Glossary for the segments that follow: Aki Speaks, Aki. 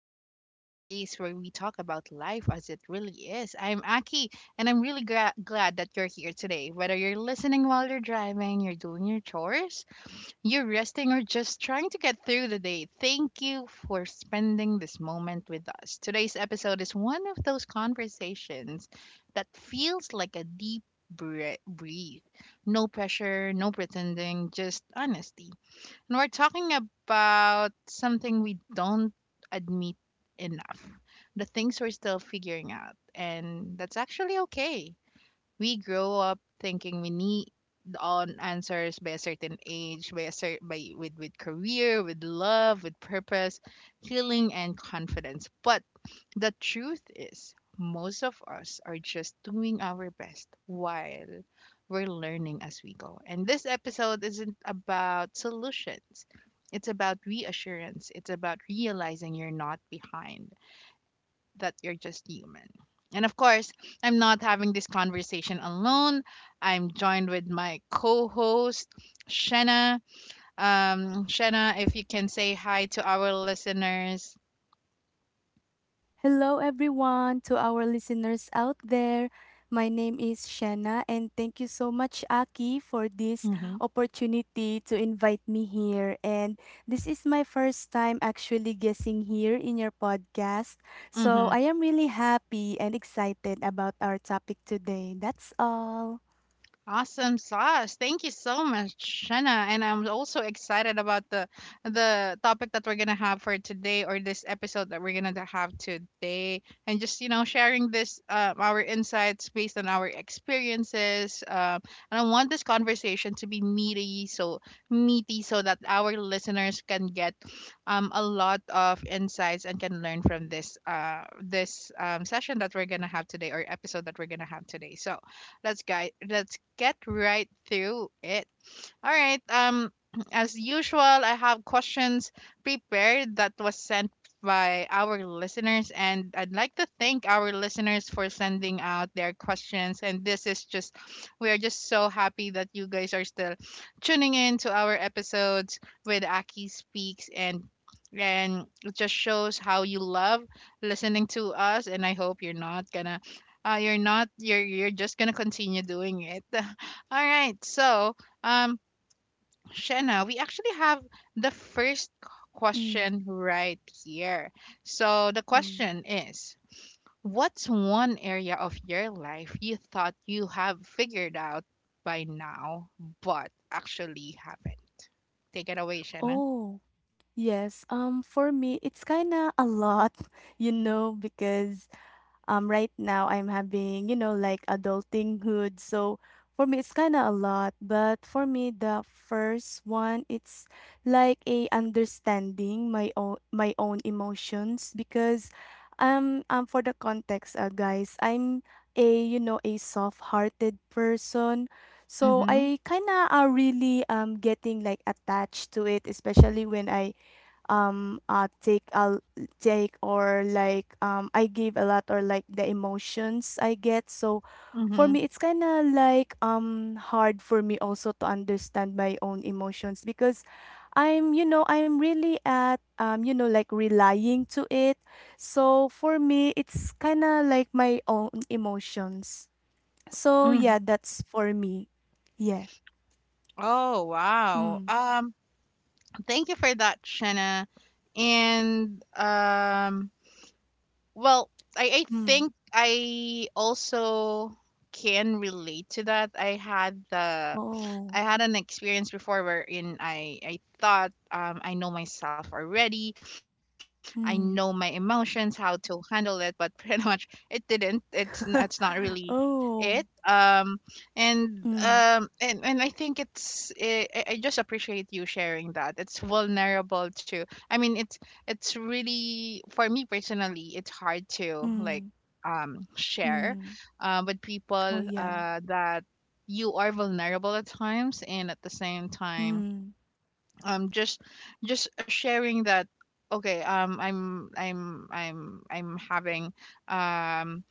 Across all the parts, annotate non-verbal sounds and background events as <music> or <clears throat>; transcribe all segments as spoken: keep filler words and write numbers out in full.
Speaks, the space where we talk about life as it really is. I'm Aki, and I'm really gra- glad that you're here today. Whether you're listening while you're driving, you're doing your chores, you're resting, or just trying to get through the day, thank you for spending this moment with us. Today's episode is one of those conversations that feels like a deep bre- breathe. No pressure, no pretending, just honesty, and we're talking about something we don't admit enough, the things we're still figuring out. And that's actually okay. We grow up thinking we need on answers by a certain age, by a certain by with with career, with love, with purpose, healing and confidence. But the truth is most of us are just doing our best while we're learning as we go. And this episode isn't about solutions. It's about reassurance. It's about realizing you're not behind, that you're just human. And of course, I'm not having this conversation alone. I'm joined with my co-host Shenna. Um, Shenna, if you can say hi to our listeners. Hello, everyone, to our listeners out there. My name is Shanna, and thank you so much, Aki, for this opportunity to invite me here. And this is my first time actually guessing here in your podcast. Mm-hmm. So I am really happy and excited about our topic today. That's all. Awesome sauce. Thank you so much, Shanna. And I'm also excited about the the topic that we're gonna have for today or this episode that we're gonna have today. And just, you know, sharing this uh, our insights based on our experiences. Um, and I want this conversation to be meaty, so meaty so that our listeners can get um a lot of insights and can learn from this uh this um session that we're gonna have today or episode that we're gonna have today. So Let's guy let's get right through it. All right. Um, <clears throat> as usual, I have questions prepared that was sent by our listeners, and I'd like to thank our listeners for sending out their questions. And this is just, we are just so happy that you guys are still tuning in to our episodes with Aki Speaks and. And it just shows how you love listening to us, and I hope you're not gonna, uh, you're not, you're you're just gonna continue doing it. <laughs> All right, so um, Shanna, we actually have the first Mm, question right here. So the mm. question is, what's one area of your life you thought you have figured out by now, but actually haven't? Take it away, Shanna. Oh, yes. Um, for me, it's kind of a lot, <laughs> you know, because um right now I'm having, you know, like adulting hood. So for me it's kind of a lot, but for me the first one it's like a understanding my own my own emotions because um um for the context uh, guys, I'm a you know a soft-hearted person. So Mm-hmm. I kind of are really um getting like attached to it especially when I um uh take a take or like um I give a lot or like the emotions I get. So for Mm-hmm. me it's kind of like um hard for me also to understand my own emotions because I'm you know I'm really at um you know like relying to it. So for me it's kind of like my own emotions. So Mm. yeah, that's for me. Yeah. Oh wow. Mm. Um, thank you for that, Shanna. And um Well, I, I Mm. think I also can relate to that. I had the Oh. I had an experience before wherein I I thought um, I know myself already, I know my Mm. emotions, how to handle it, but <laughs> pretty much it didn't. It's n- it's not really <laughs> it. Oh. Um, and Mm. um, and and I think it's I, I I just appreciate you sharing that. It's vulnerable to. I mean, it's it's really for me personally, it's hard to like Mm, um share, mm. uh, with Oh, people yeah. uh that you are vulnerable at times and at the same time Mm, um just just sharing that okay um i'm i'm i'm i'm having um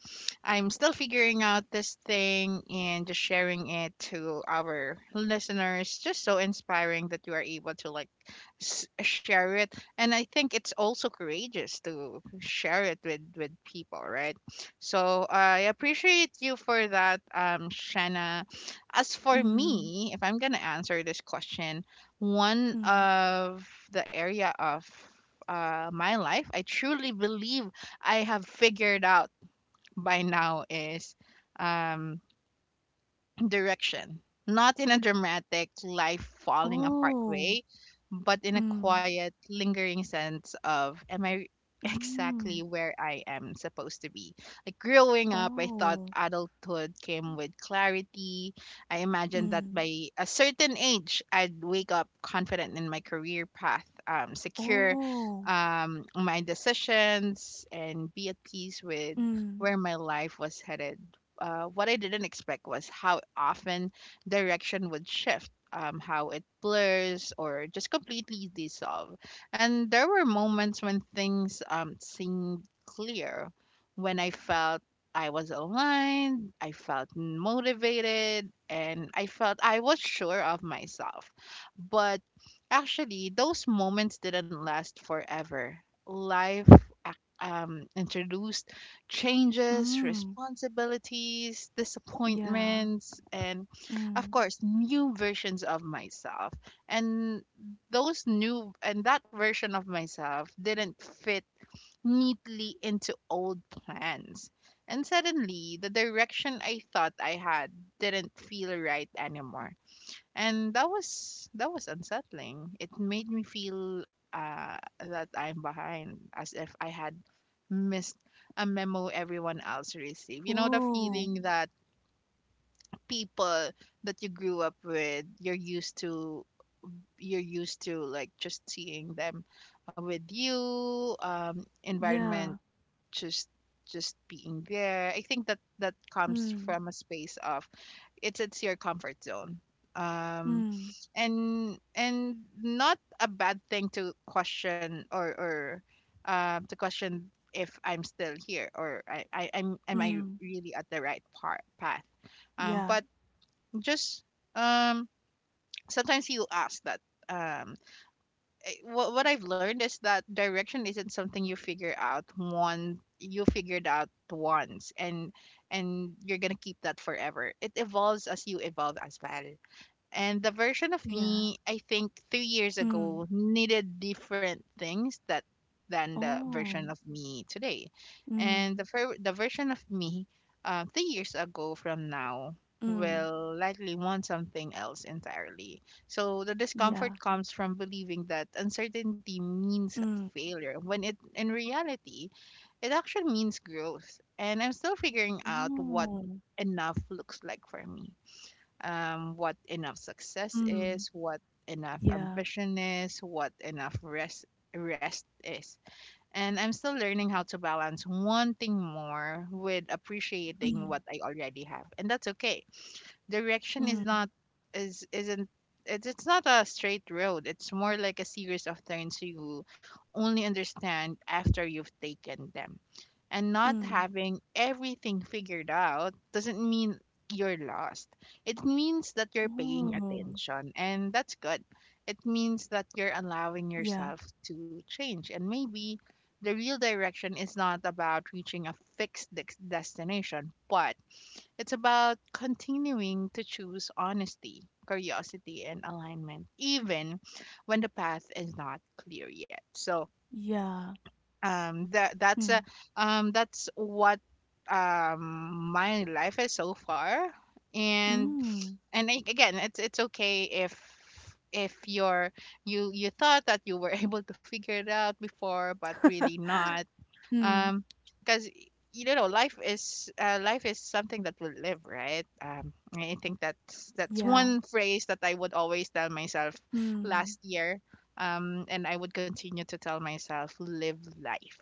I'm still figuring out this thing and just sharing it to our listeners. Just so inspiring that you are able to like s- share it, and I think it's also courageous to share it with with people, right? So I appreciate you for that, um, Shanna. As for mm, me, if I'm gonna answer this question, one mm. of the area of uh, my life, I truly believe I have figured out by now is um direction, not in a dramatic, life falling apart Oh, way, but in a mm, quiet, lingering sense of, am I <laughs> exactly mm. where I am supposed to be? Like growing up, I thought Oh, adulthood came with clarity. I imagined that mm. by a certain age, I'd wake up confident in my career path, um, secure Oh, um, my decisions, and be at peace with mm, where my life was headed. uh, what I didn't expect was how often direction would shift, um, how it blurs or just completely dissolve. And there were moments when things um, seemed clear, when I felt I was aligned, I felt motivated, and I felt I was sure of myself. But actually, those moments didn't last forever. Life ac- um, introduced changes, mm. responsibilities, Yeah. disappointments, and of Mm. course, new versions of myself. And those new and that version of myself didn't fit neatly into old plans. And suddenly, the direction I thought I had didn't feel right anymore. And that was that was unsettling. It made me feel uh, that I'm behind, as if I had missed a memo everyone else received. You know the Oh, feeling that people that you grew up with, you're used to you're used to like just seeing them uh, with you um yeah. environment just just being there. I think that that comes Mm, from a space of it's it's your comfort zone. Um mm, and and not a bad thing to question or or um to question if I'm still here or I, I I'm am I mm. really at the right part path. Um Yeah. but just um sometimes you ask that um eh, what what I've learned is that direction isn't something you figure out one you figured out once and and you're gonna keep that forever. It evolves as you evolve as well. And the version of Yeah. me, I think three years Mm. ago, needed different things that than the version Oh, of me today. And mm, the ver- the version of me uh, three years ago from now mm. will likely want something else entirely. So the Yeah. discomfort comes from believing that uncertainty means Mm. failure, when it in reality it actually means growth. And I'm still figuring out what Oh, enough looks like for me um, what enough success mm. is, what enough Yeah. ambition is, what enough rest rest is. And I'm still learning how to balance wanting more with appreciating Mm, what I already have. And that's okay. Direction is mm, not is isn't it's, it's not a straight road. It's more like a series of turns you only understand after you've taken them, and not mm. having everything figured out doesn't mean you're lost. It means that you're paying Oh, attention, and that's good. It means that you're allowing yeah. yourself to change. And maybe the real direction is not about reaching a fixed dex- destination, but it's about continuing to choose honesty, curiosity, and alignment, even when the path is not clear yet. So, Yeah. um, that that's Mm. a um that's what um my life is so far, and Mm. and I, again, it's it's okay if if you're you you thought that you were <laughs> able to figure it out before, but really not Mm. um, because you know, life is uh, life is something that will live, right? Um, I think that's that's Yeah. one phrase that I would always tell myself Mm. last year. Um, and I would continue to tell myself, live life.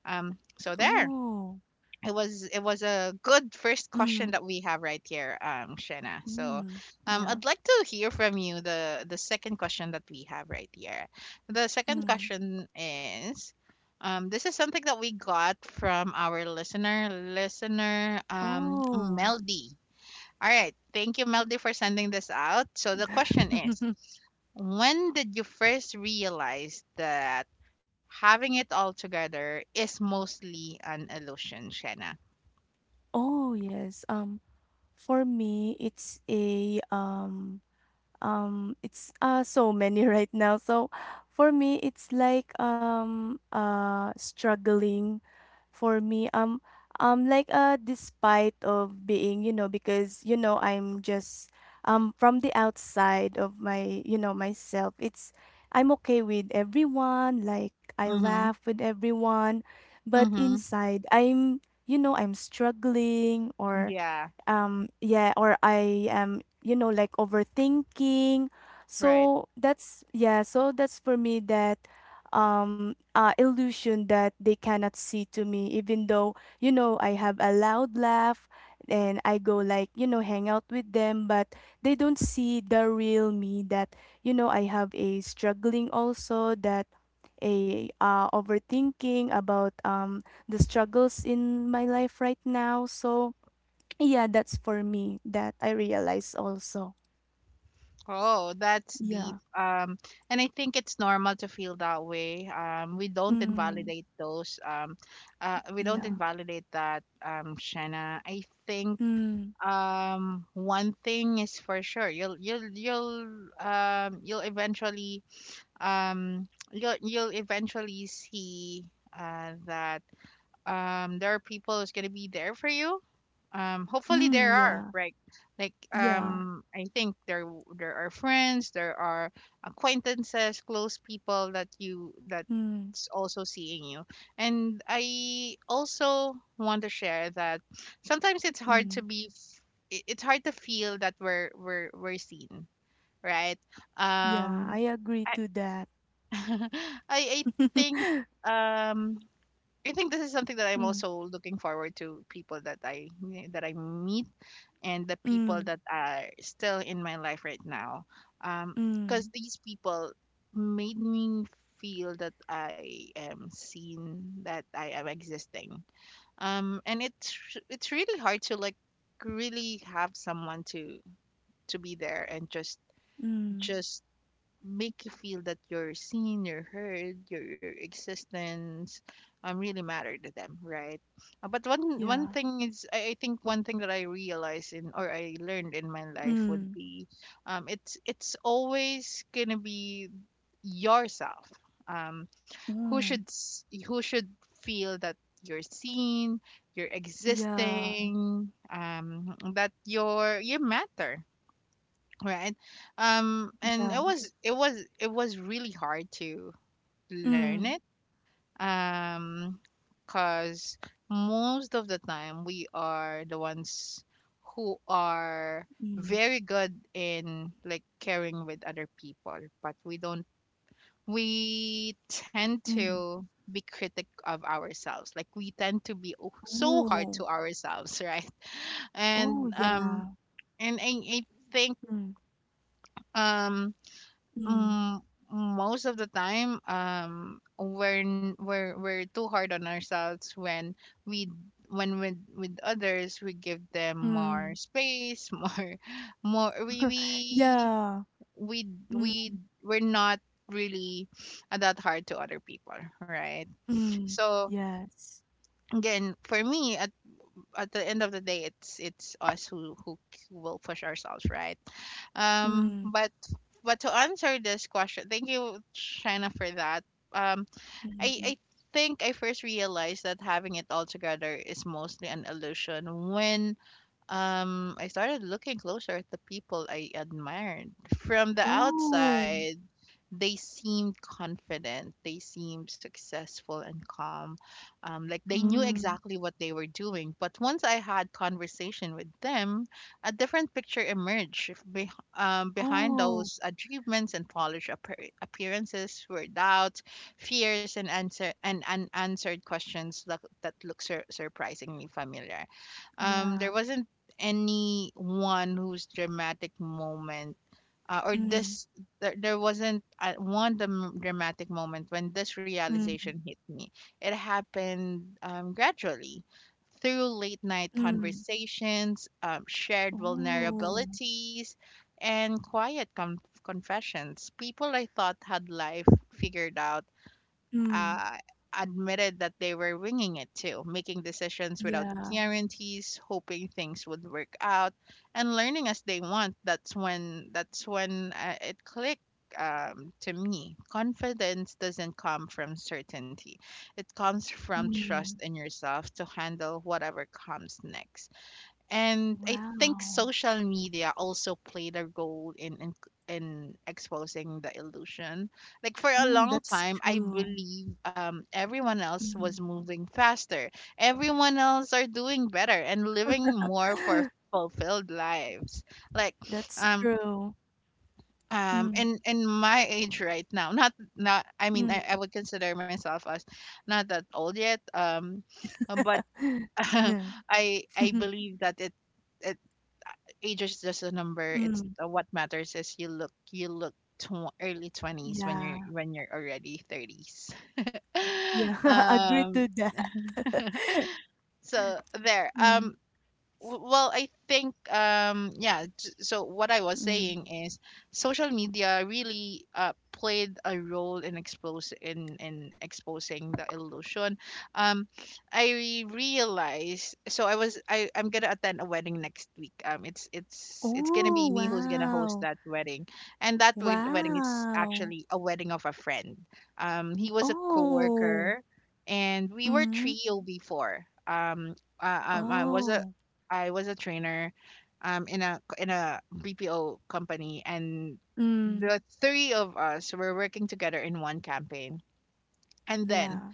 Um, so there Oh. it was it was a good first question Mm. that we have right here, um, Shena. So, Mm. um, Yeah. I'd like to hear from you the the second question that we have right here. The second Mm. question is, um, this is something that we got from our listener, listener, um, Oh. Meldy. All right, thank you, Meldy, for sending this out. So the question is, <laughs> when did you first realize that having it all together is mostly an illusion, Shanna? Oh, yes. Um, for me, it's a um um it's uh so many <laughs> right now. So for me, it's like um uh struggling for me um um like uh despite of being you know because you know I'm just um from the outside of my you know myself it's I'm okay with everyone like I laugh Mhm. with everyone but Mhm. inside I'm you know I'm struggling or Yeah, um yeah or I am you know like overthinking right. so that's yeah so that's for me that um uh illusion that they cannot see to me even though you know I have a loud laugh and I go like you know hang out with them but they don't see the real me that you know I have a struggling also that a uh overthinking about um the struggles in my life right now so yeah, that's for me that I realize also. Oh, that's deep. Yeah. Um, and I think it's normal to feel that way. Um, we don't Mm, invalidate those. Um, uh, we don't yeah. invalidate that. Um, Shanna. I think Mm, um one thing is for sure. You'll you'll you'll um you'll eventually um you'll you'll eventually see uh that um there are people who's gonna be there for you, um hopefully there mm, are, yeah. right? Like Yeah. um I think there w- there are friends, there are acquaintances, close people that you, Mm, that's also seeing you. And I also want to share that sometimes it's hard to mm, be f- i- it's hard to feel that we're we're we're seen, right? yeah. um I agree I to that. <laughs> i i think <laughs> um I think this is something that I'm Mm, also looking forward to people that I eh, that I meet, and the people mm, that are still in my life right now. Um, because mm, these people made me feel that I am seen, that I am existing. Um, and it's it's really hard to like really have someone to to be there and just mm, just make you feel that you're seen, you're heard, your, your existence um really matter to them, right? Uh, But one one yeah. thing is I, I think one thing that I realized in or I learned in my life would Mm, be um it's it's always gonna be yourself. Um who should mm, s- who should feel that you're seen, you're yeah. existing, um that you're you matter, right? Um and Yeah. it was it was it was really hard to learn it. Mm, um because most of the time we are the ones who are mm, very good in like caring with other people, but we don't— we tend mm. to be critic of ourselves, like we tend to be o- so hard Oh, to ourselves, <laughs> right. oh, and um yeah. and i, I think. Mm, um. mm, Mm, mm, Most of the time, um, we're n- we're we're too hard on ourselves when we when with with others, we give them more mm. space, <laughs> more more we we Yeah. we Mm, we we're not really that hard to other people, right? mm. So Yes. again, for me, at at the end of the day, it's it's us who who will push ourselves, right? Um, Mm, but but to answer this question, thank you, China, for that. Um, I I mm. think I first realized that having it all together is mostly an illusion when um I started looking closer at the people I admired. From the Oh, outside, they seemed confident, they seemed successful and calm. Um, like they knew mm. exactly what they were doing. But once I had conversation with them, a different picture emerged. If Be- um, Behind Oh, those achievements and polished appar- appearances were doubts, fears, and answer and unanswered questions that that look sur- surprisingly familiar. Um, there yeah. wasn't anyone whose dramatic moment— uh, or Mm, this there, there wasn't, uh, one dram- dramatic moment when this mm, realization hit me. It happened, um, gradually, through late night mm. conversations, um, shared Oh, vulnerabilities, and quiet com- confessions. People I thought had life figured out, mm. uh, admitted that they were winging it too, making decisions without Yeah. guarantees, hoping things would work out, and learning as they want. That's when that's when, uh, it clicked, um, to me. Confidence doesn't come from certainty; it comes from trust Mm. in yourself to handle whatever comes next. And I think Wow. social media also played a role in in, in exposing the illusion. Like, for a Mm, long that's time, I true. believe um, everyone else was Mm. moving faster. Everyone else are doing better and living more for <gasps> fulfilled lives. Like, That's um true. um Mm, in in my age right now— not not, I mean, mm. I, I would consider myself as not that old yet. Um, but <gasps> <laughs> <laughs> Yeah. I I <laughs> believe that— it age is just a number. It's, Mm. uh, what matters is you look— you look tw- early twenties when you're— Yeah. when you're already thirties. <laughs> Yeah. <laughs> Agree um. to that. <laughs> So there. Mm, Um w- well, i think, um yeah, j- so what i was mm. saying is social media really, uh, played a role in expose in, in exposing the illusion. um i realized, so I was I i'm gonna attend a wedding next week. um it's it's it's gonna be Oh, me who's gonna host wow. that wedding, and that wed- wedding is Wow. actually a wedding of a friend. um he was a coworker, Oh. and we were Mm. trio before. um uh, um, I was a— Oh. I was a trainer, um, in a in a B P O company, and Mm, the three of us were working together in one campaign. And then, yeah.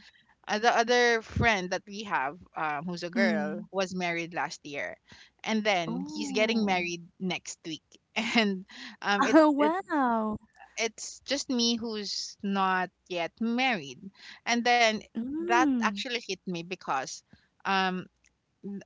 uh, the other friend that we have, um, who's a girl, Mm. was married last year, and then he's getting Oh. married next week. <laughs> And um, <laughs> it Oh, it wow. it's just me who's not yet married. And then that Mm. actually hit me because, um,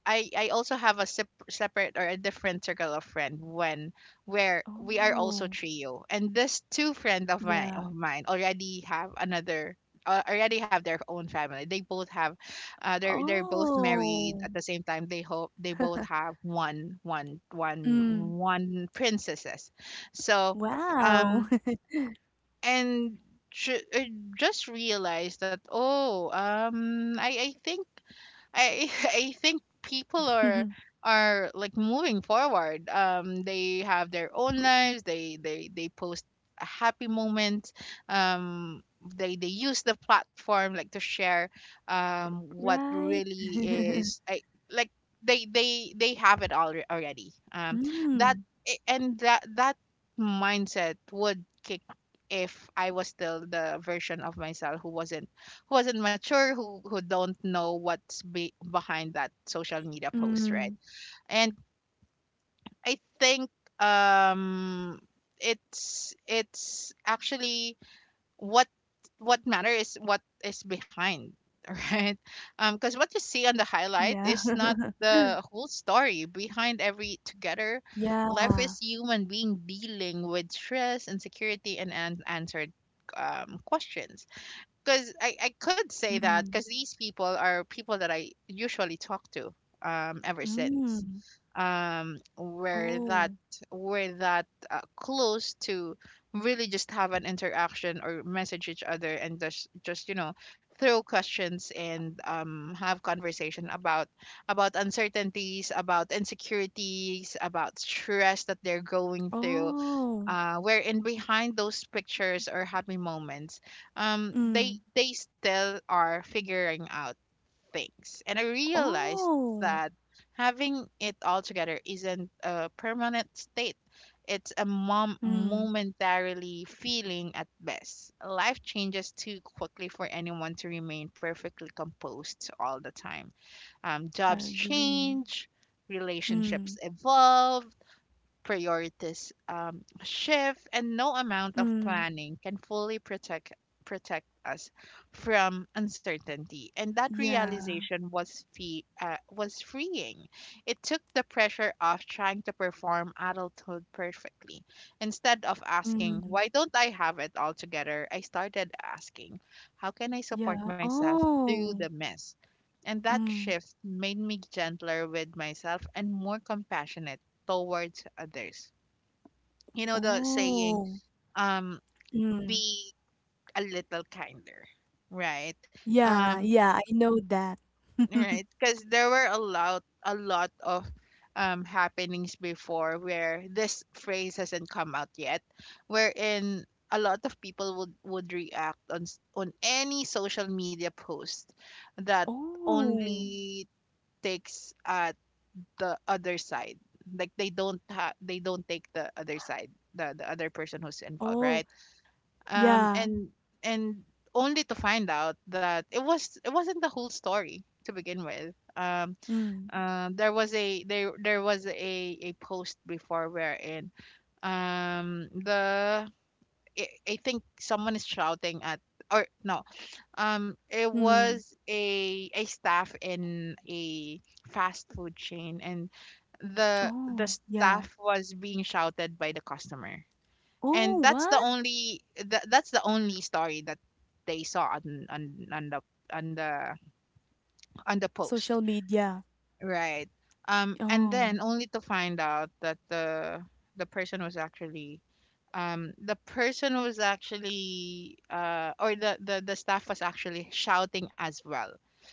I I also have a sep- separate, or a different circle of friend, when where we are also Oh, trio, and this two friend of mine yeah. of mine already have another— uh, already have their own family. They both have— uh, they're they're both married Oh. at the same time. They hope they both <laughs> have one one one Mm. one princesses, so Wow. um and. Ju- I just realized that, oh, um I I think— I <laughs> I think people are <laughs> are like moving forward. Um, they have their own lives. They they they post a happy moment. Um, they they use the platform, like, to share, um what Right. really <laughs> is— I like— they they they have it all already. Um, that— Mm. a- and that that mindset would kick if I was still the version of myself who wasn't— who wasn't mature, who who don't know what's be- behind that social media post, right? Mm. And I think, um it's it's actually— what what matter is what is behind, <laughs> right? Um, because what you see on the highlight Yeah. is not <laughs> the whole story. Behind every together life Yeah. is human being dealing with stress, insecurity, and unanswered, um, questions, because I, I could say that, Mm. because these people are people that I usually talk to, um ever since, Mm. um we're that Oh. we're that, uh, close to really just have an interaction or message each other, and just just you know throw questions and, um have conversation about— about uncertainties, about insecurities, about stress that they're going through, Oh. uh, wherein behind those pictures or happy moments, um, they Mm. they still are figuring out things. And I realized Oh. that having it all together isn't a permanent state. It's a mom- Mm. momentarily feeling at best. Life changes too quickly for anyone to remain perfectly composed all the time. Um, I jobs agree. change, Mm. relationships evolve, priorities, um, shift, and no amount of Mm. planning can fully protect— protect us from uncertainty. And that Yeah. realization was fee uh, was freeing. It took the pressure off trying to perform adulthood perfectly. Instead of asking, Ừm, "Why don't I have it all together?" I started asking, "How can I support yeah. myself through the Oh, mess?" And that mm, shift made me gentler with myself and more compassionate towards others. You know the saying, oh, um, mm. be a little kinder, right? Yeah, Um, yeah, I know that. <laughs> right, because there were a lot, a lot of, um happenings before where this phrase hasn't come out yet, wherein a lot of people would would react on— s- on any social media post that Oh, only takes, uh, the other side. Like, they don't— ha- they don't take the other side, the the other person who's involved, oh, right? um yeah. and and only to find out that it was it wasn't the whole story to begin with. um Mm, uh, there was a— there there was a a post before wherein, um the I I think someone is shouting at— or no, um, it mm. was a a staff in a fast food chain, and the the Oh, yeah. staff was being shouted by the customer, Oh, and that's the what? only— that, that's the only story that they saw on— on on the on the on the post. Social media. Right. Um, and Oh, then only to find out that the the person was actually, um the person was actually, uh, or the— the the staff was actually shouting as well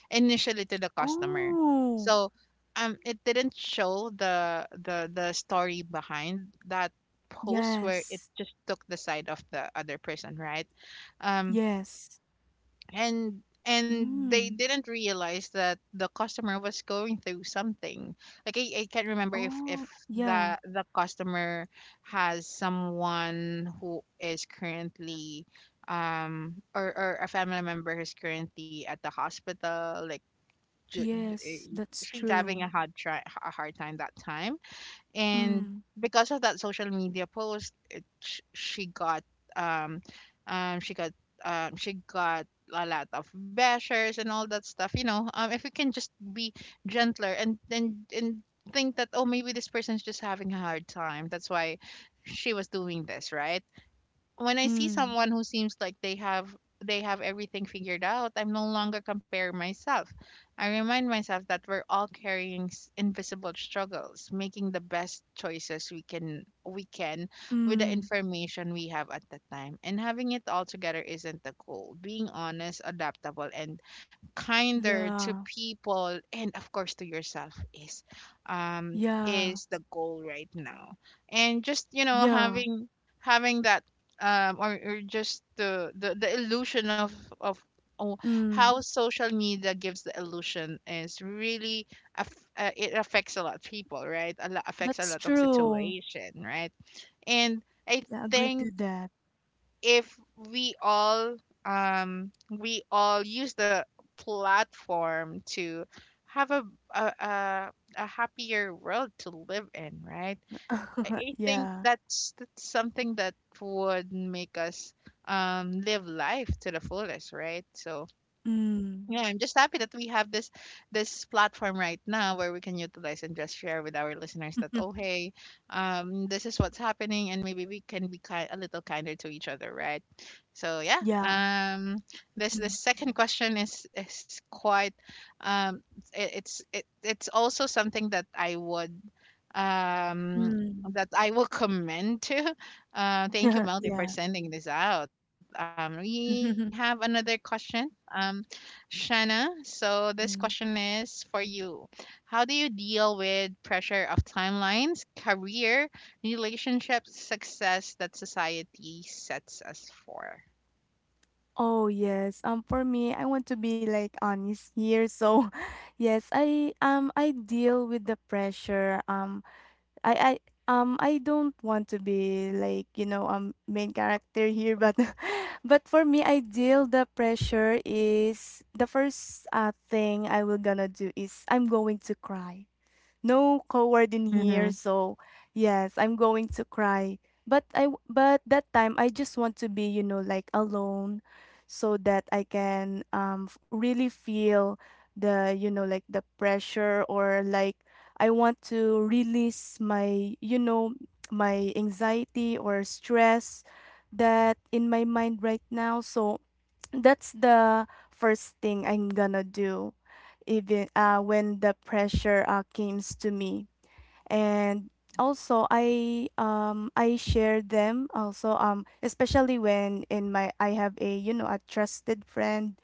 initially to the customer. oh, So, um it didn't show the the the story behind that post, where it yes, just took the side of the other person, right? um yes. and and they Mm. didn't realize that the customer was going through something. Like, i, I can't remember if if Oh, yeah. the the customer has someone who is currently, um or— or a family member who's currently at the hospital, like— ju- Yes, eh, that's she's having true. a hard try a hard time, that time, and Mm, because of that social media post, it, sh- she got, um, um she got um she got a lot of bashers and all that stuff, you know. Um if we can just be gentler, and then and think that, oh, maybe this person's just having a hard time, that's why she was doing this, right? When I see mm, someone who seems like they have they have everything figured out, I'm no longer comparing myself. I remind myself that we're all carrying s- invisible struggles, making the best choices we can we can with the mm. information we have at the time. And having it all together isn't the goal. Being honest, adaptable, and kinder to Yeah, people, and of course to yourself, is um yeah, is the goal right now. And, just you know, yeah. having— having that, um or— or just the, the the illusion of— of oh, Mm, how social media gives the illusion is really— aff- uh, it affects a lot of people, right? A lot— affects a that's lot of true. situation, right? And i Yeah, agree think, to that. if we all um we all use the platform to have a a, a, a happier world to live in, right? <laughs> I think Yeah. that's that's something that would make us, um live life to the fullest, right? So Mm. yeah, I'm just happy that we have this this platform right now where we can utilize and just share with our listeners that, oh, <laughs> hey, um this is what's happening, and maybe we can be— kind a little kinder to each other, right? So yeah, Yeah. um this— the Mm. second question is is quite— um it, it's— it it's also something that I would, um, Mm. that I will comment to. Uh, thank you, <laughs> Melody, for Yeah. sending this out. Um, we have another <laughs> question, um, Shanna. So this question Mm. is for you. How do you deal with pressure of timelines, career, relationships, success that society sets us for? Oh yes. Um, for me, I want to be like honest here. So, <laughs> yes, I um I deal with the pressure. Um, I I um I don't want to be like you know um main character here but <laughs> but for me ideal the pressure is the first uh thing I will gonna do is I'm going to cry no coward in here. Mm-hmm. So, yes, I'm going to cry. But I w- but that time I just want to be, you know, like alone so that I can um f- really feel the, you know, like the pressure or like I want to release my, you know, my anxiety or stress that in my mind right now. So, that's the first thing I'm gonna do, even uh, when the pressure uh, comes to me. And also, I um I share them also um especially when in my I have a you know a trusted friend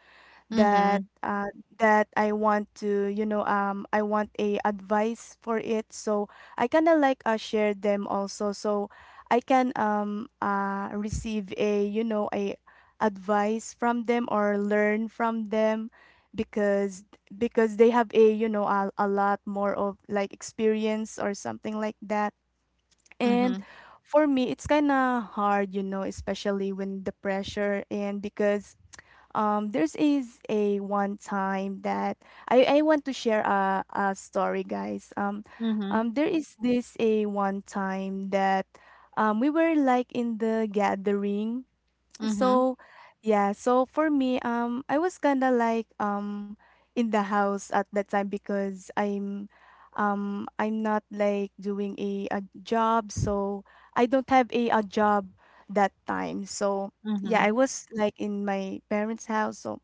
that Mm-hmm. uh, that I want to you know um I want a advice for it so I kind of like uh, share them also so I can um uh receive a you know a advice from them or learn from them because because they have a you know a, a lot more of like experience or something like that and Mm-hmm. for me it's kind of hard you know especially when the pressure and because um, there's is a one time that I, I want to share a, a story, guys. Um, Mm-hmm. um, there is this a one time that um, we were like in the gathering Mm-hmm. so, yeah, so for me, um, I was kind of like um in the house at that time because I'm um I'm not like doing a, a job, so I don't have a, a job that time. So, yeah, Mm-hmm. I was like in my parents' house. So,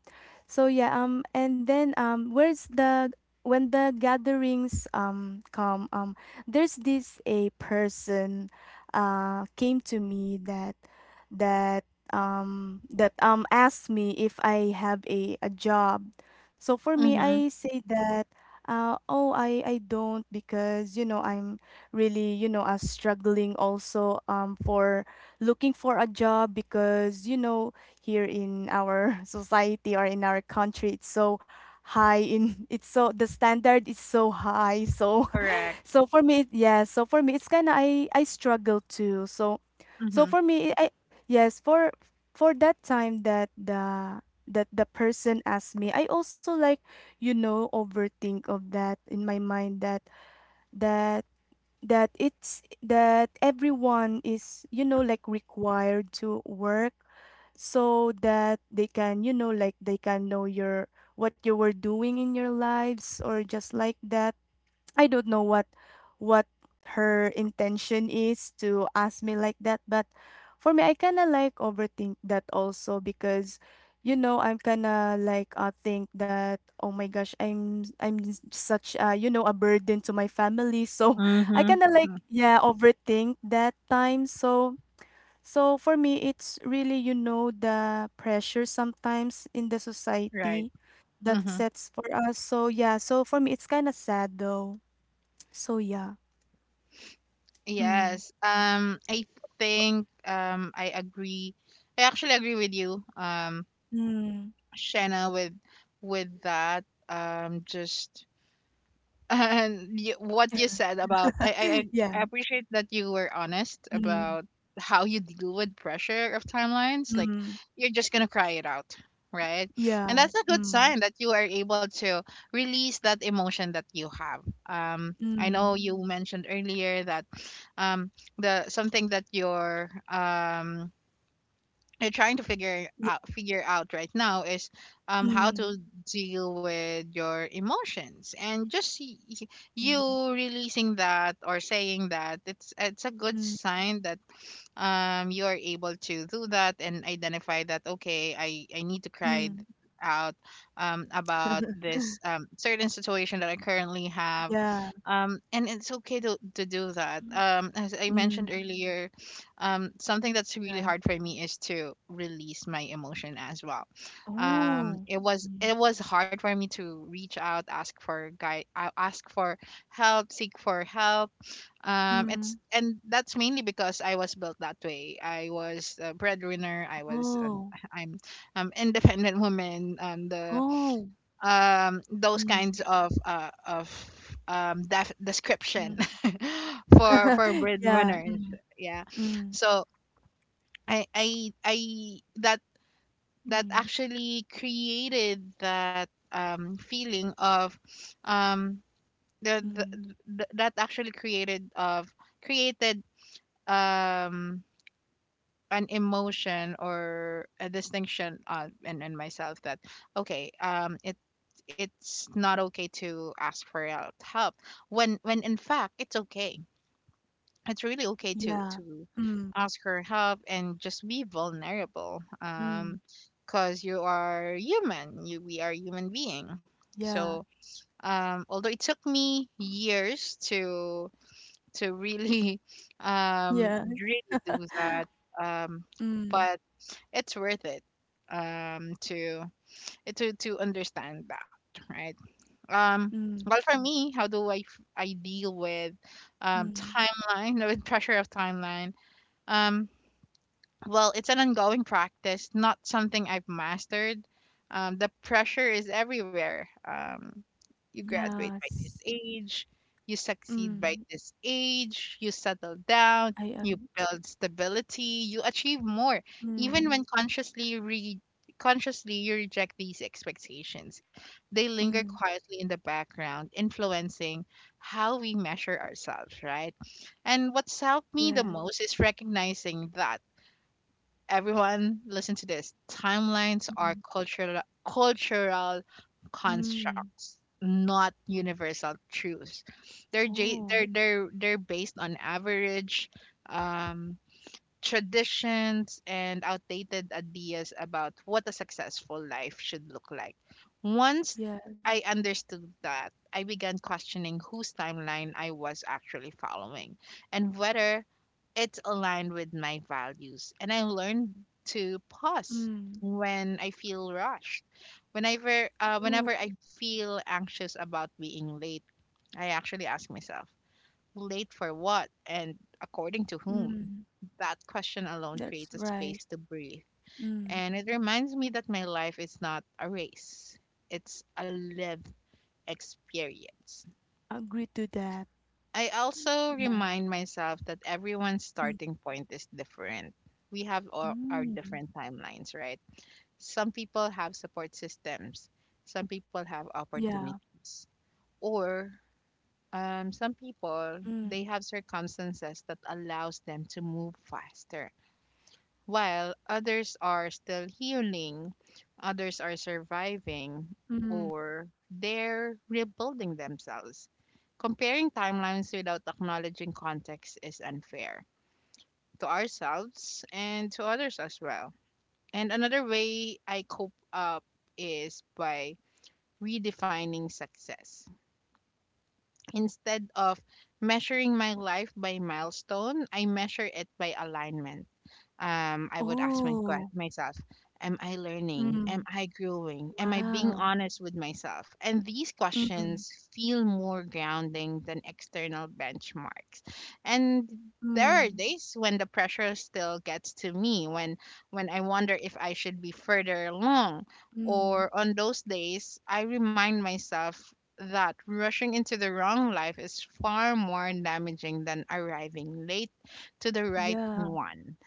so yeah, um and then um where's the when the gatherings um come, um there's this a person uh came to me that that um that um asked me if I have a, a job. So for me I Mm-hmm. say that uh oh I I don't because you know I'm really you know uh, struggling also um for looking for a job because you know here in our <laughs> society or in our country it's so high in it's so the standard is so high so Correct. so for me, yes. So for me, it's kind of I I struggle too. So, so Mm-hmm. for me, I yes for for that time that the that the person asked me, I also like you know overthink of that in my mind that that that it's that everyone is you know like required to work so that they can you know like they can know your what you were doing in your lives or just like that I don't know what what her intention is to ask me like that, but for me I kinda like overthink that also because you know I'm kinda like uh think that oh my gosh I'm I'm s- such uh you know a burden to my family so <laughs> I Mm-hmm. kinda like yeah overthink that time so so for me it's really you know the pressure sometimes in the Right. society that Mm-hmm. sets for us so yeah so for me it's kinda sad though so yeah. Mm. Yes. Um, I think, um I agree. I actually agree with you, um, Mm. Shanna, with with that. Um, just and you, what you said about I, I I <laughs> I Yeah. appreciate that you were honest Mm. about how you deal with pressure of timelines. Like, Mm. you're just gonna cry it out, right? And Yeah. that's a good Mm. sign that you are able to release that emotion that you have. Um, I know Mm. you mentioned earlier that um the something that your um you're trying to figure Yeah. out figure out right now is um how Mm. to deal with your emotions. And just y- y- you Mm. releasing that or saying that it's it's a good Mm. sign that um, you are able to do that and identify that, okay, i i need to cry Mm. out um, about <laughs> this um, certain situation that I currently have. Yeah. Um, and it's okay to, to do that, Mm. um, as I mentioned Mm. earlier. Um, something that's really Yeah. hard for me is to release my emotion as well. Um, Oh. it was Mm. it was hard for me to reach out, ask for guy ask for help, seek for help. Um, it's, Mm. and that's mainly because I was built that way. I was a breadwinner. I was an, Oh. I'm um independent woman. Um, the Oh. um those kinds Mm. of uh of um def- description Mm. <laughs> for for <laughs> Yeah. breadwinners. Mm. Yeah, Mm. so I I I that that Mm. actually created that um feeling of um the, the, Mm. the that actually created of created um an emotion or a distinction uh, in, in myself that, okay, um, it it's not okay to ask for out help, when when in fact it's okay, it's really okay to Yeah. to Mm. ask for help and just be vulnerable. Mm. Um, because you are human, you we are human being. Yeah. So um, although it took me years to to really <laughs> um Yes. really do that. Um, Mm. but it's worth it um to to to understand that, right? Um, Mm. well, for me, how do i f- i deal with um Mm. timeline <laughs> with pressure of timeline. Um, well, it's an ongoing practice, not something I've mastered. Um, the pressure is everywhere. Um, you graduate by this Yes. age, you succeed by Mm. this age, you settle down, I you ag. build stability, you achieve more, Mm. even when consciously re- consciously you reject these expectations. They linger Mm, quietly in the background, influencing how we measure ourselves, right? And what's helped me the most yes. is recognizing that, everyone listen to this, timelines are Mhm. cultural cultural Mm. constructs, not universal truths. they're j- Oh, they're they're they're based on average um traditions and outdated ideas about what a successful life should look like. Once yes. I understood that, I began questioning whose timeline I was actually following and whether it's aligned with my values. And I learned to pause Mm. when I feel rushed. Whenever, uh, Oh, whenever I feel anxious about being late, I actually ask myself, late for what? And according to whom? mm. That question alone That's creates a right. space to breathe. Mm. And it reminds me that my life is not a race, it's a lived experience. Agree to that. I also Yeah. remind myself that everyone's Mm. starting point is different. We have our, our Mm. different timelines, right? Some people have support systems, some people have Yeah. opportunities, or um, some people Mm. they have circumstances that allows them to move faster, while others are still healing, others are surviving, Mm. or they're rebuilding themselves. Comparing timelines without acknowledging context is unfair to ourselves and to others as well. And another way I cope up is by redefining success. Instead of measuring my life by milestone, I measure it by alignment. Um, I would ask my, que- Oh. myself, am I learning? Am Mm. I growing? Am I being Wow. honest with myself? And these Mm. questions feel more grounding than external benchmarks. And there are Mm. days when the pressure still gets to me, when when I wonder if I should be further along. Mm. Or on those days, I remind myself that rushing into the wrong life is far more damaging than arriving late to the right Yeah. one.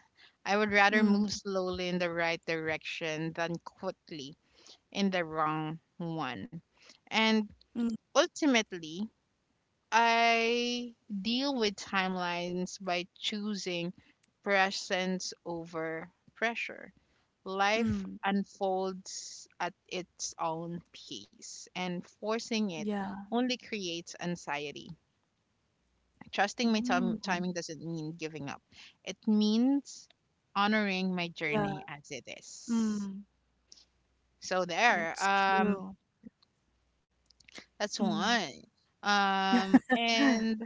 I would rather Mm. move slowly in the right direction than quickly in the wrong one. And Mm. ultimately, I deal with timelines by choosing presence over pressure. Life Mm. unfolds at its own pace, and forcing it Yeah. only creates anxiety. Trusting my Mm. tim timing doesn't mean giving up. It means honoring my Yeah. journey as it is. Mm. So there. That's Um, true. that's Mm. one. Um, <laughs> and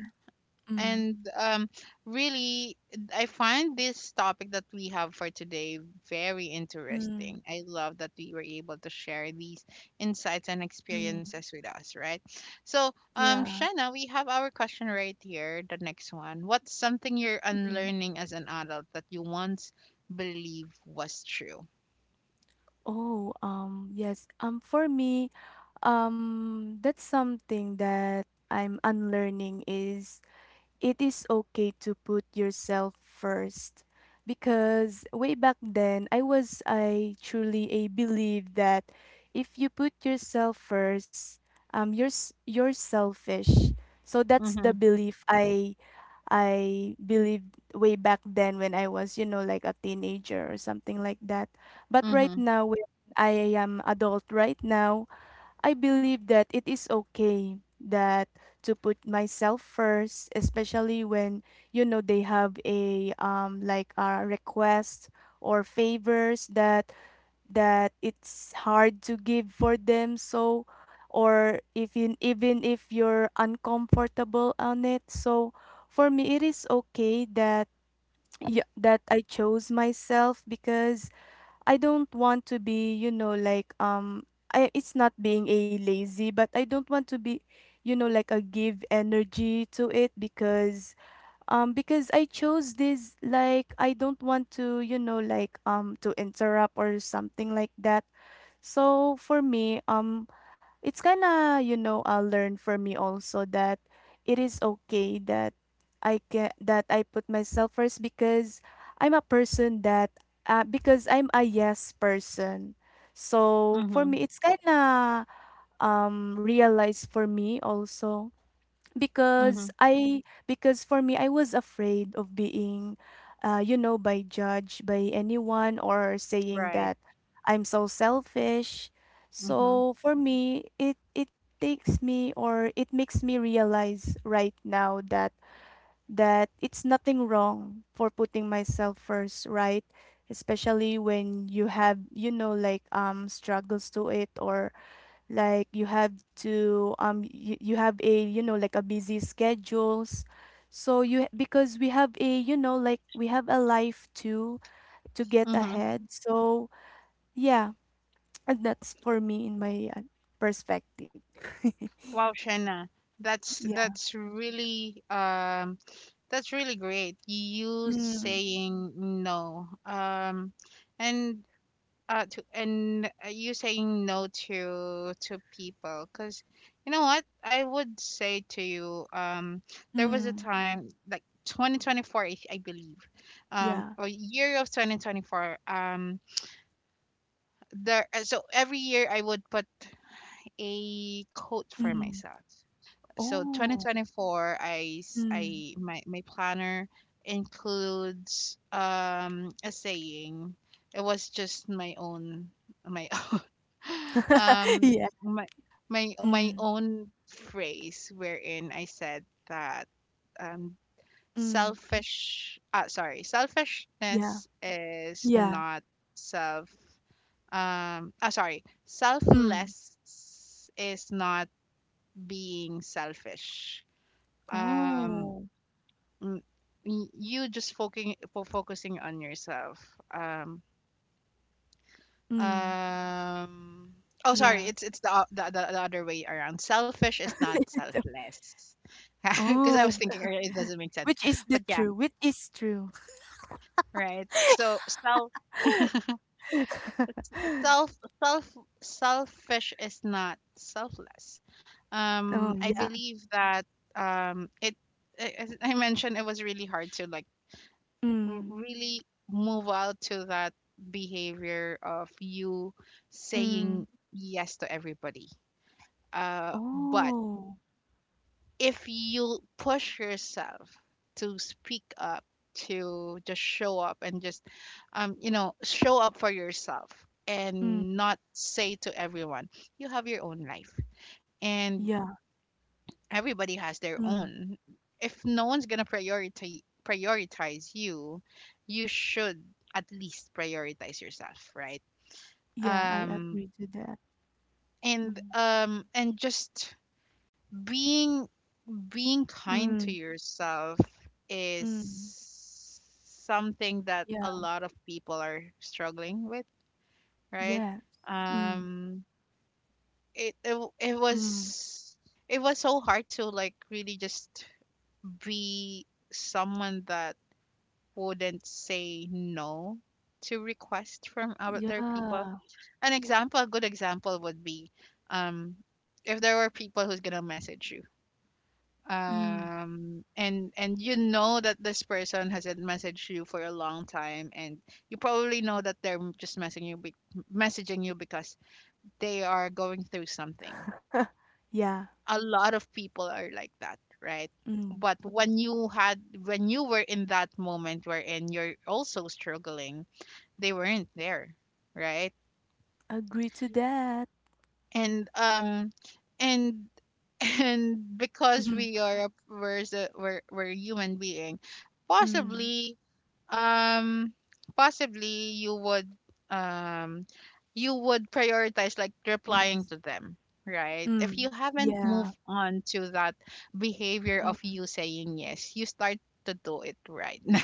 Mm. And um, really, I find this topic that we have for today very Mm. interesting. I love that we were able to share these insights and Mm. experiences with us, right? So, um, Yeah. Shanna, we have our question right here, the next one. What's something you're Mm. unlearning as an adult that you once believed was true? Oh, um, yes. Um, for me, um, that's something that I'm unlearning is it is okay to put yourself first because way back then I was I truly a believe that if you put yourself first um you're s- you're selfish so that's the Mm-hmm, belief I I believed way back then when I was you know like a teenager or something like that but right mm-hmm, now when I am adult right now I believe that it is okay that to put myself first, especially when you know they have a um like a request or favors that that it's hard to give for them. So or if in, even if you're uncomfortable on it. So for me, it is okay that yeah, that I chose myself because I don't want to be, you know, like um I it's not being a lazy, but I don't want to be, you know, like a give energy to it because um because I chose this like I don't want to, you know, like um to interrupt or something like that. So for me, um, it's kinda, you know, I learned for me also that it is okay that I can that I put myself first because I'm a person that uh, because I'm a yes person. So for mm-hmm, me, it's kinda um realized for me also mm-hmm. because I because for me I was afraid of being uh you know by judged by anyone or saying Right. that I'm so selfish. Mm-hmm, So for me it it takes me or it makes me realize right now that that it's nothing wrong for putting myself first, right? Especially when you have you know like um struggles to it or like you have to um you, you have a you know like a busy schedules so you because we have a you know like we have a life to to get mm-hmm. ahead so yeah. <tsk> And that's for me in my uh, perspective. <laughs> Wow, Shanna, that's Yeah. that's really um that's really great. You Mm, saying no, um, and uh, to and uh, you saying no to to people, because you know what I would say to you. Um, there was a mm, time like twenty twenty-four, I, I believe, um, yeah. or year of twenty twenty-four. Um, there. Uh, So every year I would put a quote for Mm. myself. So Oh. twenty twenty-four, I s- Mm. I my, my planner includes um a saying. It was just my own my <laughs> <laughs> um Yeah. my my my Mm, own phrase wherein I said that um mm, selfish uh sorry yeah. selfishness is Yeah. not self um ah sorry Mm. selfless is not being selfish. Um, Oh. n- y- you just focusing focusing on yourself. um Mm, um oh sorry yeah. it's it's the, o- the the, the other way around, selfish is not <laughs> selfless. <laughs> Because I was Oh. thinking earlier it doesn't make sense. Which is But the yeah, true, which is true. right. So self <laughs> self self selfish is not selfless. Oh, Um, I yeah. believe that um it I, I I mentioned it was really hard to like r- Mm, really move out to that behavior of you mm. saying yes to everybody. Uh, but Oh, if you push yourself to speak up, to just show up and just, um, you know, show up for yourself mm, and not say to everyone, you have your own life. And yeah, everybody has their mm. own. If no one's gonna priority prioritize you, you should at least prioritize yourself, right? Yeah, I Um, agree to that. and Mm, um and just being being kind to mm, yourself mm. is something that Yeah, a lot of people are struggling with, right? yes. Mm, Um, it it, it mm. was it was so hard to like really just be someone that wouldn't say no to requests from other people. Yeah, An example, a good example would be um, if there were people who's gonna message you, mm. um, and and you know that this person hasn't messaged you for a long time, and you probably know that they're m- just messaging you, be- messaging you because they are going through something. Yeah, A lot of people are like that, right? mm. But when you had when you were in that moment wherein you're also struggling, they weren't there, right? Agree to that. And um and <laughs> and because we <laughs> are a- we're s- we're, we're a human being, Mm, possibly um possibly you would um you would prioritize like replying yes. to them, right? If Mm, you haven't yeah. moved on to that behavior of Mm. you saying yes, you start to do it right <laughs> now.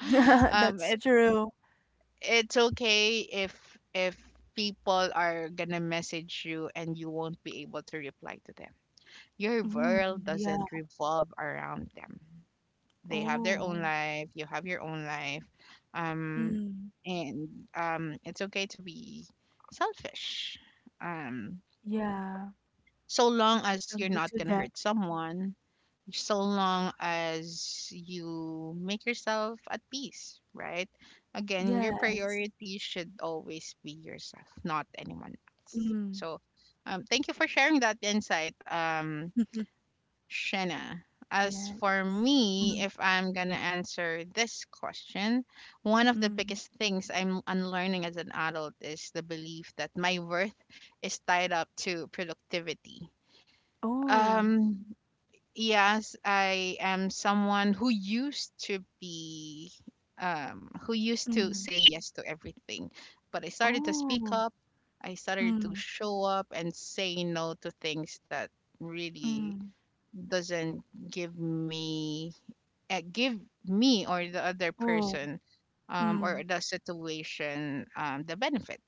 <laughs> Um, That's it true. it's okay if if people are gonna message you and you won't be able to reply to them. Your Mm, world yeah. doesn't revolve around them. They have their own Oh, life, you have your own life. Um, mm, and um, it's okay to be selfish, um, yeah. so long as you're Agree not to gonna that. hurt someone, so long as you make yourself at peace, right? Again, your Yes. priority should always be yourself, not anyone else. Mm. So um, thank you for sharing that insight um <laughs> Shanna. As Yes. for me, Mm, if I'm gonna answer this question, one of the mm. biggest things I'm unlearning as an adult is the belief that my worth is tied up to productivity. Oh. Um, yes, I am someone who used to be, um, who used to Mm. say yes to everything, but I started to speak Oh. up. I started to Mm, show up and say no to things that really mm. doesn't give me uh, give me or the other Oh. person um, or Mm. the situation um, the benefit.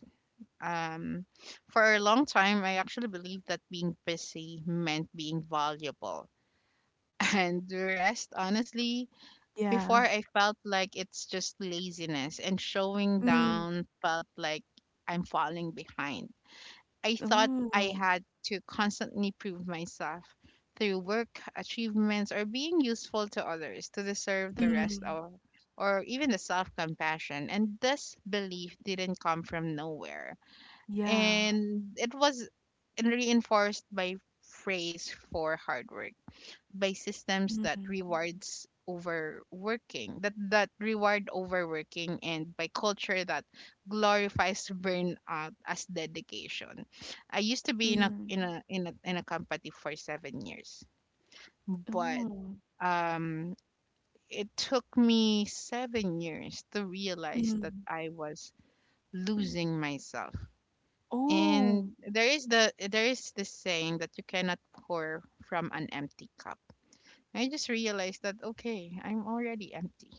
Um, for a long time I actually believed that being busy meant being valuable <laughs> and the rest honestly. Before, Yeah. I felt like it's just laziness and showing Mm. down felt like I'm falling behind. I thought I Oh. had to constantly prove myself through work, achievements, or being useful to others to deserve the rest Mm. of or even the self compassion. And this belief didn't come from nowhere. Yeah. And it was reinforced by phrase for hard work by systems that Mm, rewards overworking that that reward overworking and by culture that glorifies burnout as dedication. I used to be in a mm. in a in a, in a company for seven years, but Oh. um it took me seven years to realize that Mm. I was losing myself. Oh. And there is the there is this saying that you cannot pour from an empty cup. I just realized that, okay, I'm already empty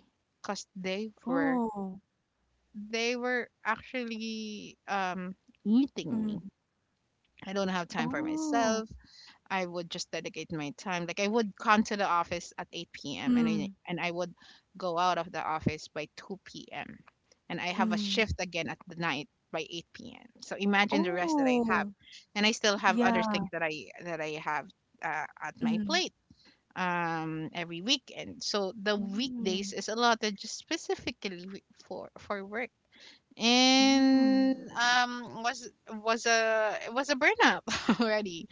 because they were Oh. they were actually um eating me. Mm. I don't have time for Oh. myself. I would just dedicate my time. Like, I would come to the office at eight p m and I Mm, and I would go out of the office by two p m, and I have a mm. shift again at the night by eight p m. So imagine the rest that I have, Oh. and I still have other Yeah. things that I that I have, uh, at my Mm. plate, um every weekend. So the weekdays Mm. is allotted just specifically wi- for for work, and Mm. um was was a it was a burnout <laughs> already.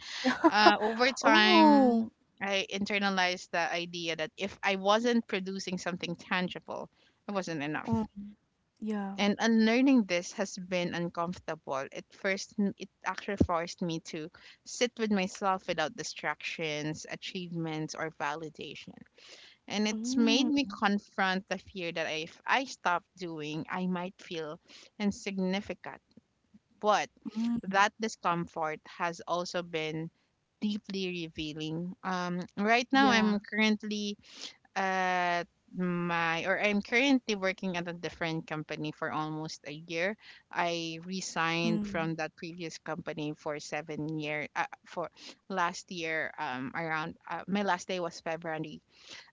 uh <laughs> Over Oh. time, I internalized the idea that if I wasn't producing something tangible, I wasn't enough. Oh yeah. And unlearning this has been uncomfortable. It first it actually forced me to sit with myself without distractions, achievements, or validation, and it's Mm, made me confront the fear that if I stop doing, I might feel insignificant. But mm, that discomfort has also been deeply revealing. Um, right now, yeah. I'm currently at my or I'm currently working at a different company for almost a year. I resigned Mm, from that previous company for seven year, uh, for last year. Um, around, uh, my last day was February,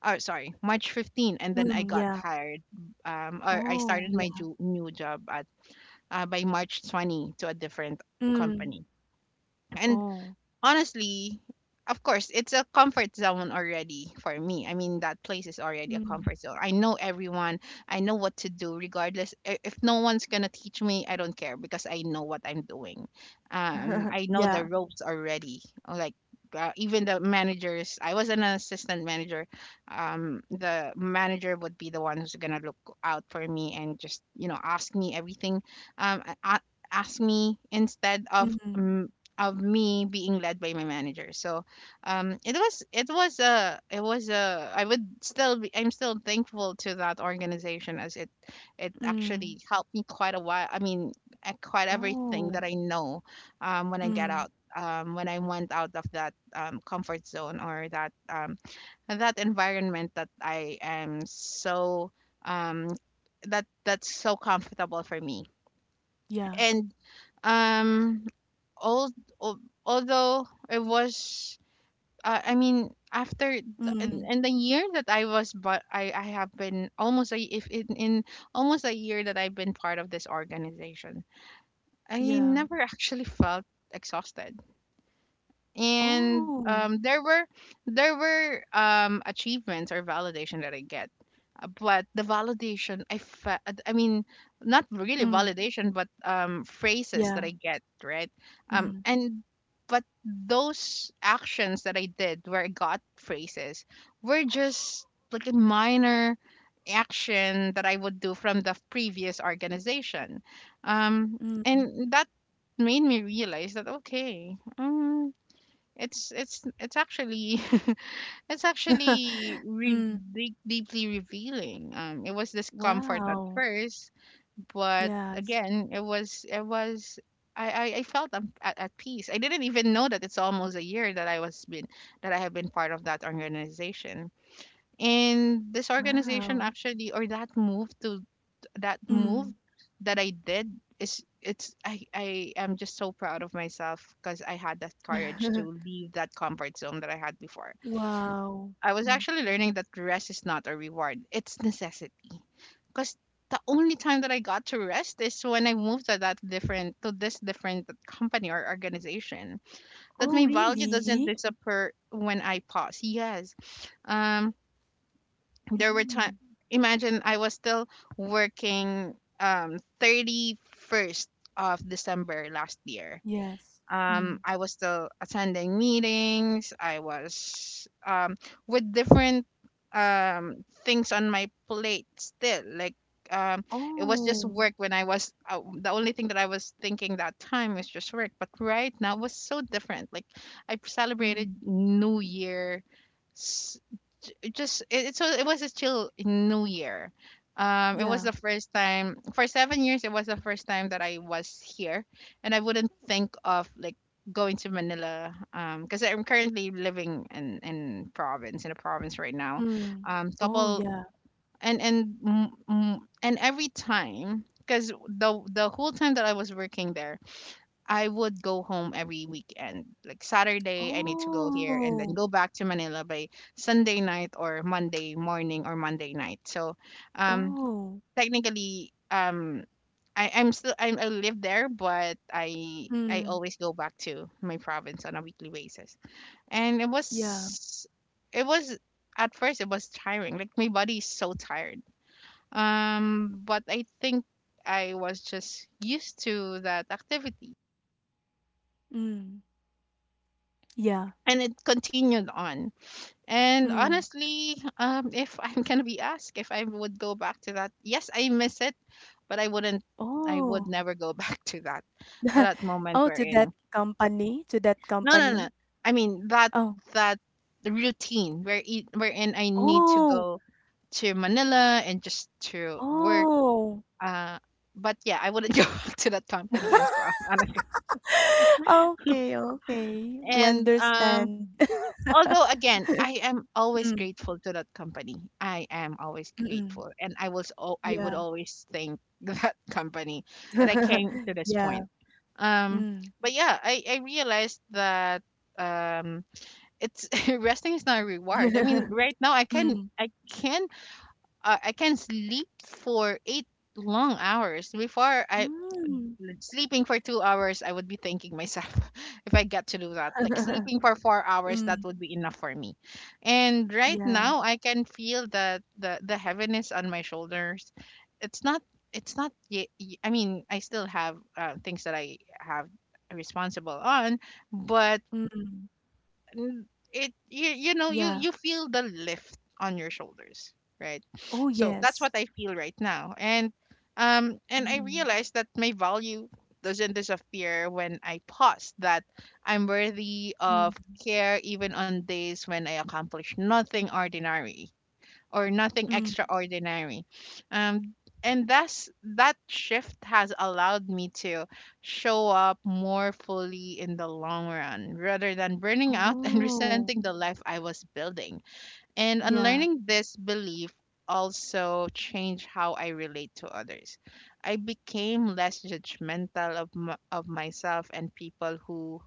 oh, sorry, march fifteen, and then I mm, got yeah. hired, um or I Oh, started my yeah. ju- new job at, uh, by march twenty to a different Mm, company. And oh, honestly, of course, it's a comfort zone already for me. I mean, that place is already a mm. comfort zone. I know everyone. I know what to do, regardless. I- If no one's gonna teach me, I don't care because I know what I'm doing. Um, <laughs> I know Yeah. the ropes already. Like. Uh, even the managers, I was an assistant manager. Um the manager would be the one who's gonna look out for me and just, you know, ask me everything, um a- a- ask me instead of Mm, mm, of me being led by my manager. So um, it was it was a it was a I would still be, I'm still thankful to that organization as it it mm. actually helped me quite a while. I mean, uh, quite everything Oh, that I know, um, when I get mm, out. Um, when I went out of that, um, comfort zone, or that, um, that environment that I am so, um, that that's so comfortable for me, yeah. and um all, although it was, uh, I mean, after th- in, Mm, in the year that I was, but I I have been almost a, if in, in almost a year that I've been part of this organization, I yeah. never actually felt exhausted. And Oh, um, there were there were, um, achievements or validation that I get. Uh, but the validation I fe- uh, I mean, not really mm, validation, but, um, phrases that yeah. I get, right, um, Mm, and but those actions that I did where I got phrases were just like a minor action that I would do from the previous organization, um, mm. and that made me realize that, okay. Um, it's it's it's actually, <laughs> it's actually <laughs> re- Mm, deep, deeply revealing. Um, it was discomfort at wow. first, but Yes. again, it was it was I I, I felt I'm at, at peace. I didn't even know that it's almost a year that I was been that I have been part of that organization. And this organization Wow. actually, or that move to that move Mm. that I did is, it's I I am just so proud of myself because I had that courage to <laughs> leave that comfort zone that I had before. Wow. I was Mm. actually learning that rest is not a reward; it's necessity. Because the only time that I got to rest is when I moved to that different to this different company or organization. That Oh, my value really? doesn't disappear when I pause. Yes, um, there were time, Mm. imagine, I was still working um thirty-first of december last year. Yes. Mm. um I was still attending meetings. I was, um with different, um things on my plate still, like, um it was just Oh, work when I was, uh, the only thing that I was thinking that time was just work. But right now it was so different, like, I celebrated mm, new year. It just it, it- so it was still new year. Um it was yeah, the first time for seven years. It was the first time that I was here, and I wouldn't think of like going to manila, um because I'm currently living in in province in a province right now. mm. um Oh, Couple. yeah. And and mm, mm, and every time, because the the whole time that I was working there, I would go home every weekend. Like Saturday, I need to go here and Oh, then go back to Manila by Sunday night or Monday morning or Monday night. So, um, oh, technically, um, I, I'm still i I live there, but I I mm, always go back to my province on a weekly basis. And it yeah, was it was at first it was tiring. Like, my body is so tired. Um, but I think I was just used to that activity, mm, yeah, and it continued on. And mm. honestly, um, if I'm gonna be asked if I would go back to that, yes, I miss it, but I wouldn't. I would Oh. never go <laughs> back to that <laughs> that moment Oh, we're to that in. company? To that No, no, no. company? I mean that, Oh, that routine where it, wherein I need to oh, go to Manila and just to work. oh. Uh, but yeah, I wouldn't <laughs> go back to that company as well, <laughs> honestly. Okay, okay. We And um, understand. <laughs> although again, I am always Mm, grateful to that company. I am always mm, grateful, and I was al- I would yeah. always thank <laughs> that company that I came to <laughs> this Yeah, point. Um, mm. but yeah, I I realized that um it's <laughs> resting is not a reward. I mean, <laughs> right now I can Mm, I can uh, I can sleep for eight long hours. Before I mm. sleeping for two hours, I would be thanking myself <laughs> if I get to do that. Like, sleeping for four hours, that <laughs> would be enough for me. And right Yeah. now, I can feel the the, the heaviness on my shoulders. It's not. It's not. ye- ye- I mean, I still have, uh, things that I have responsible on, but Mm. n- it you, you know, you Yeah. you feel the lift on your shoulders, right? Oh, So that's yes. what I feel right now. And um and I Mm. realized that my value doesn't disappear when I pause, that I'm worthy of Mm. care, even on days when I accomplish nothing ordinary or nothing Mm. extraordinary. Um, and that's, that shift has allowed me to show up more fully in the long run rather than burning out <laughs> and Oh, resenting the life I was building. And yeah. unlearning this belief also changed how I relate to others. I became less judgmental of, m- of myself and people who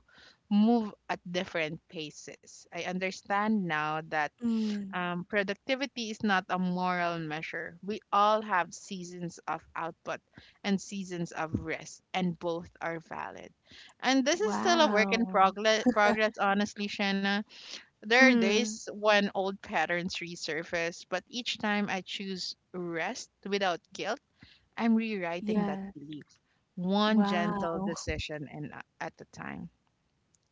move at different paces. I understand now that, Mm. um, productivity is not a moral measure. We all have seasons of output and seasons of rest, and both are valid. And this is still a work in Wow. progress, progress, honestly, Shanna. There are Mm. days when old patterns resurface, but each time I choose rest without guilt, I'm rewriting that Yes. belief, one gentle Wow. <laughs> decision and, uh, at a time.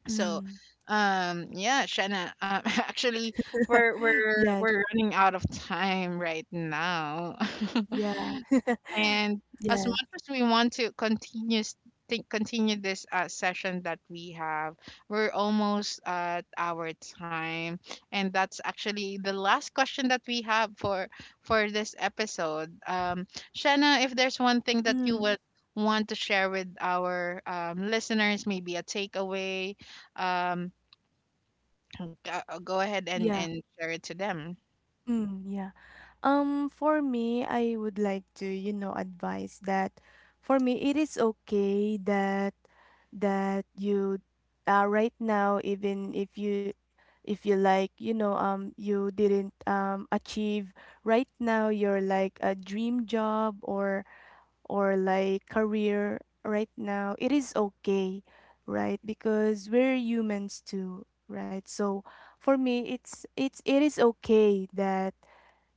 So, Mm. um, yeah, Shanna, um, <laughs> actually, we're we're Yes. we're running out of time right now. <laughs> Yeah. <laughs> And as much Yes. as we want to continue s- think continue this, uh, session that we have, we're almost at our time, and that's actually the last question that we have for for this episode. Um, Shanna, if there's one thing that you Mm. would want to share with our, um, listeners, maybe a takeaway, um, g- uh, go ahead and Yeah. and share it to them. Mm. Yeah. Um, for me, I would like to, you know, advise that for me it is okay that that you uh, right now even if you if you like, you know, um you didn't um achieve right now your like a dream job or or like career right now, it is okay, right? Because we're humans too, right? So for me it's it's it is okay that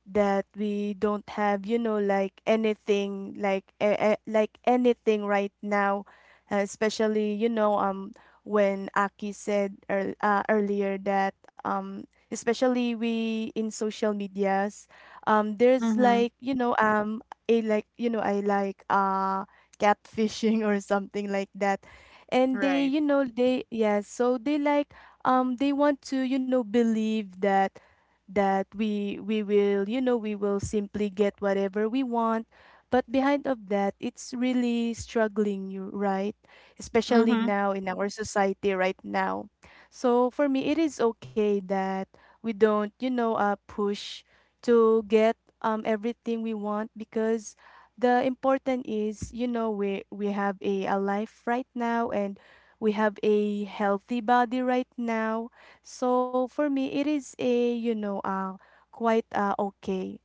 that we don't have you know like anything like uh, like anything right now uh, especially you know um when Aki said ear uh, earlier that um especially we in social medias um there's Mm-hmm. like you know um a like you know I like uh catfishing <laughs> or something like that and they Right. you know they yeah so they like um they want to you know believe that that we we will you know we will simply get whatever we want but behind of that it's really struggling you right especially Mm-hmm. now in our society right now so for me it is okay that we don't you know uh push to get um everything we want because the important is you know we we have a, a life right now and we have a healthy body right now so for me, it is a, you know, uh, quite uh, okay.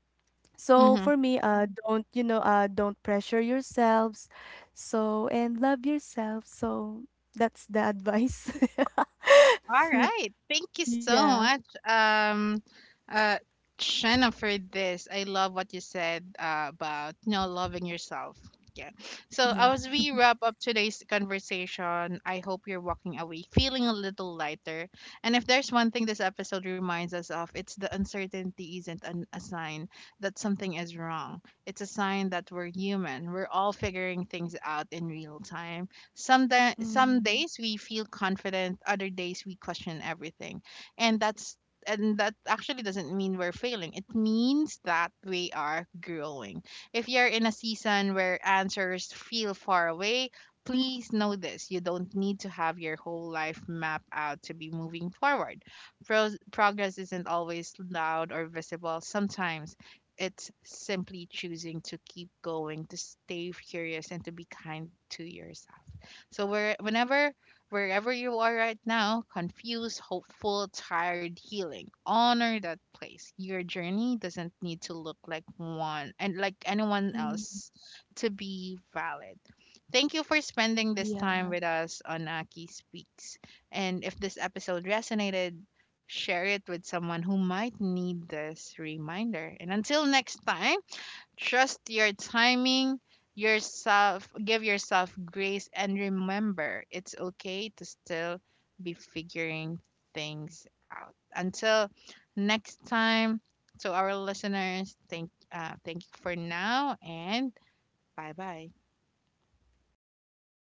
So Mm-hmm. for me, uh, don't, you know, uh, don't pressure yourselves. So, and love yourself. So that's the advice. All <laughs> right. Thank you so Yeah, much, um, uh, Shanna, for this. I love what you said, uh, about, you know, loving yourself. Yeah. So yeah. as we wrap up today's conversation, I hope you're walking away feeling a little lighter. And if there's one thing this episode reminds us of, it's the uncertainty isn't an, a sign that something is wrong. It's a sign that we're human. We're all figuring things out in real time. Some da- some Mm, days we feel confident, other days we question everything, and that's and that actually doesn't mean we're failing. It means that we are growing. If you're in a season where answers feel far away, please know this: you don't need to have your whole life mapped out to be moving forward. Pro- progress isn't always loud or visible. Sometimes it's simply choosing to keep going, to stay curious, and to be kind to yourself. So where whenever wherever you are right now, confused, hopeful, tired, healing, honor that place. Your journey doesn't need to look like one and like anyone mm, else to be valid. Thank you for spending this time yeah. with us on Aki Speaks. And if this episode resonated, share it with someone who might need this reminder. And until next time, trust your timing, yourself, give yourself grace, and remember it's okay to still be figuring things out. Until next time, to our listeners, thank, uh, thank you for now, and bye bye.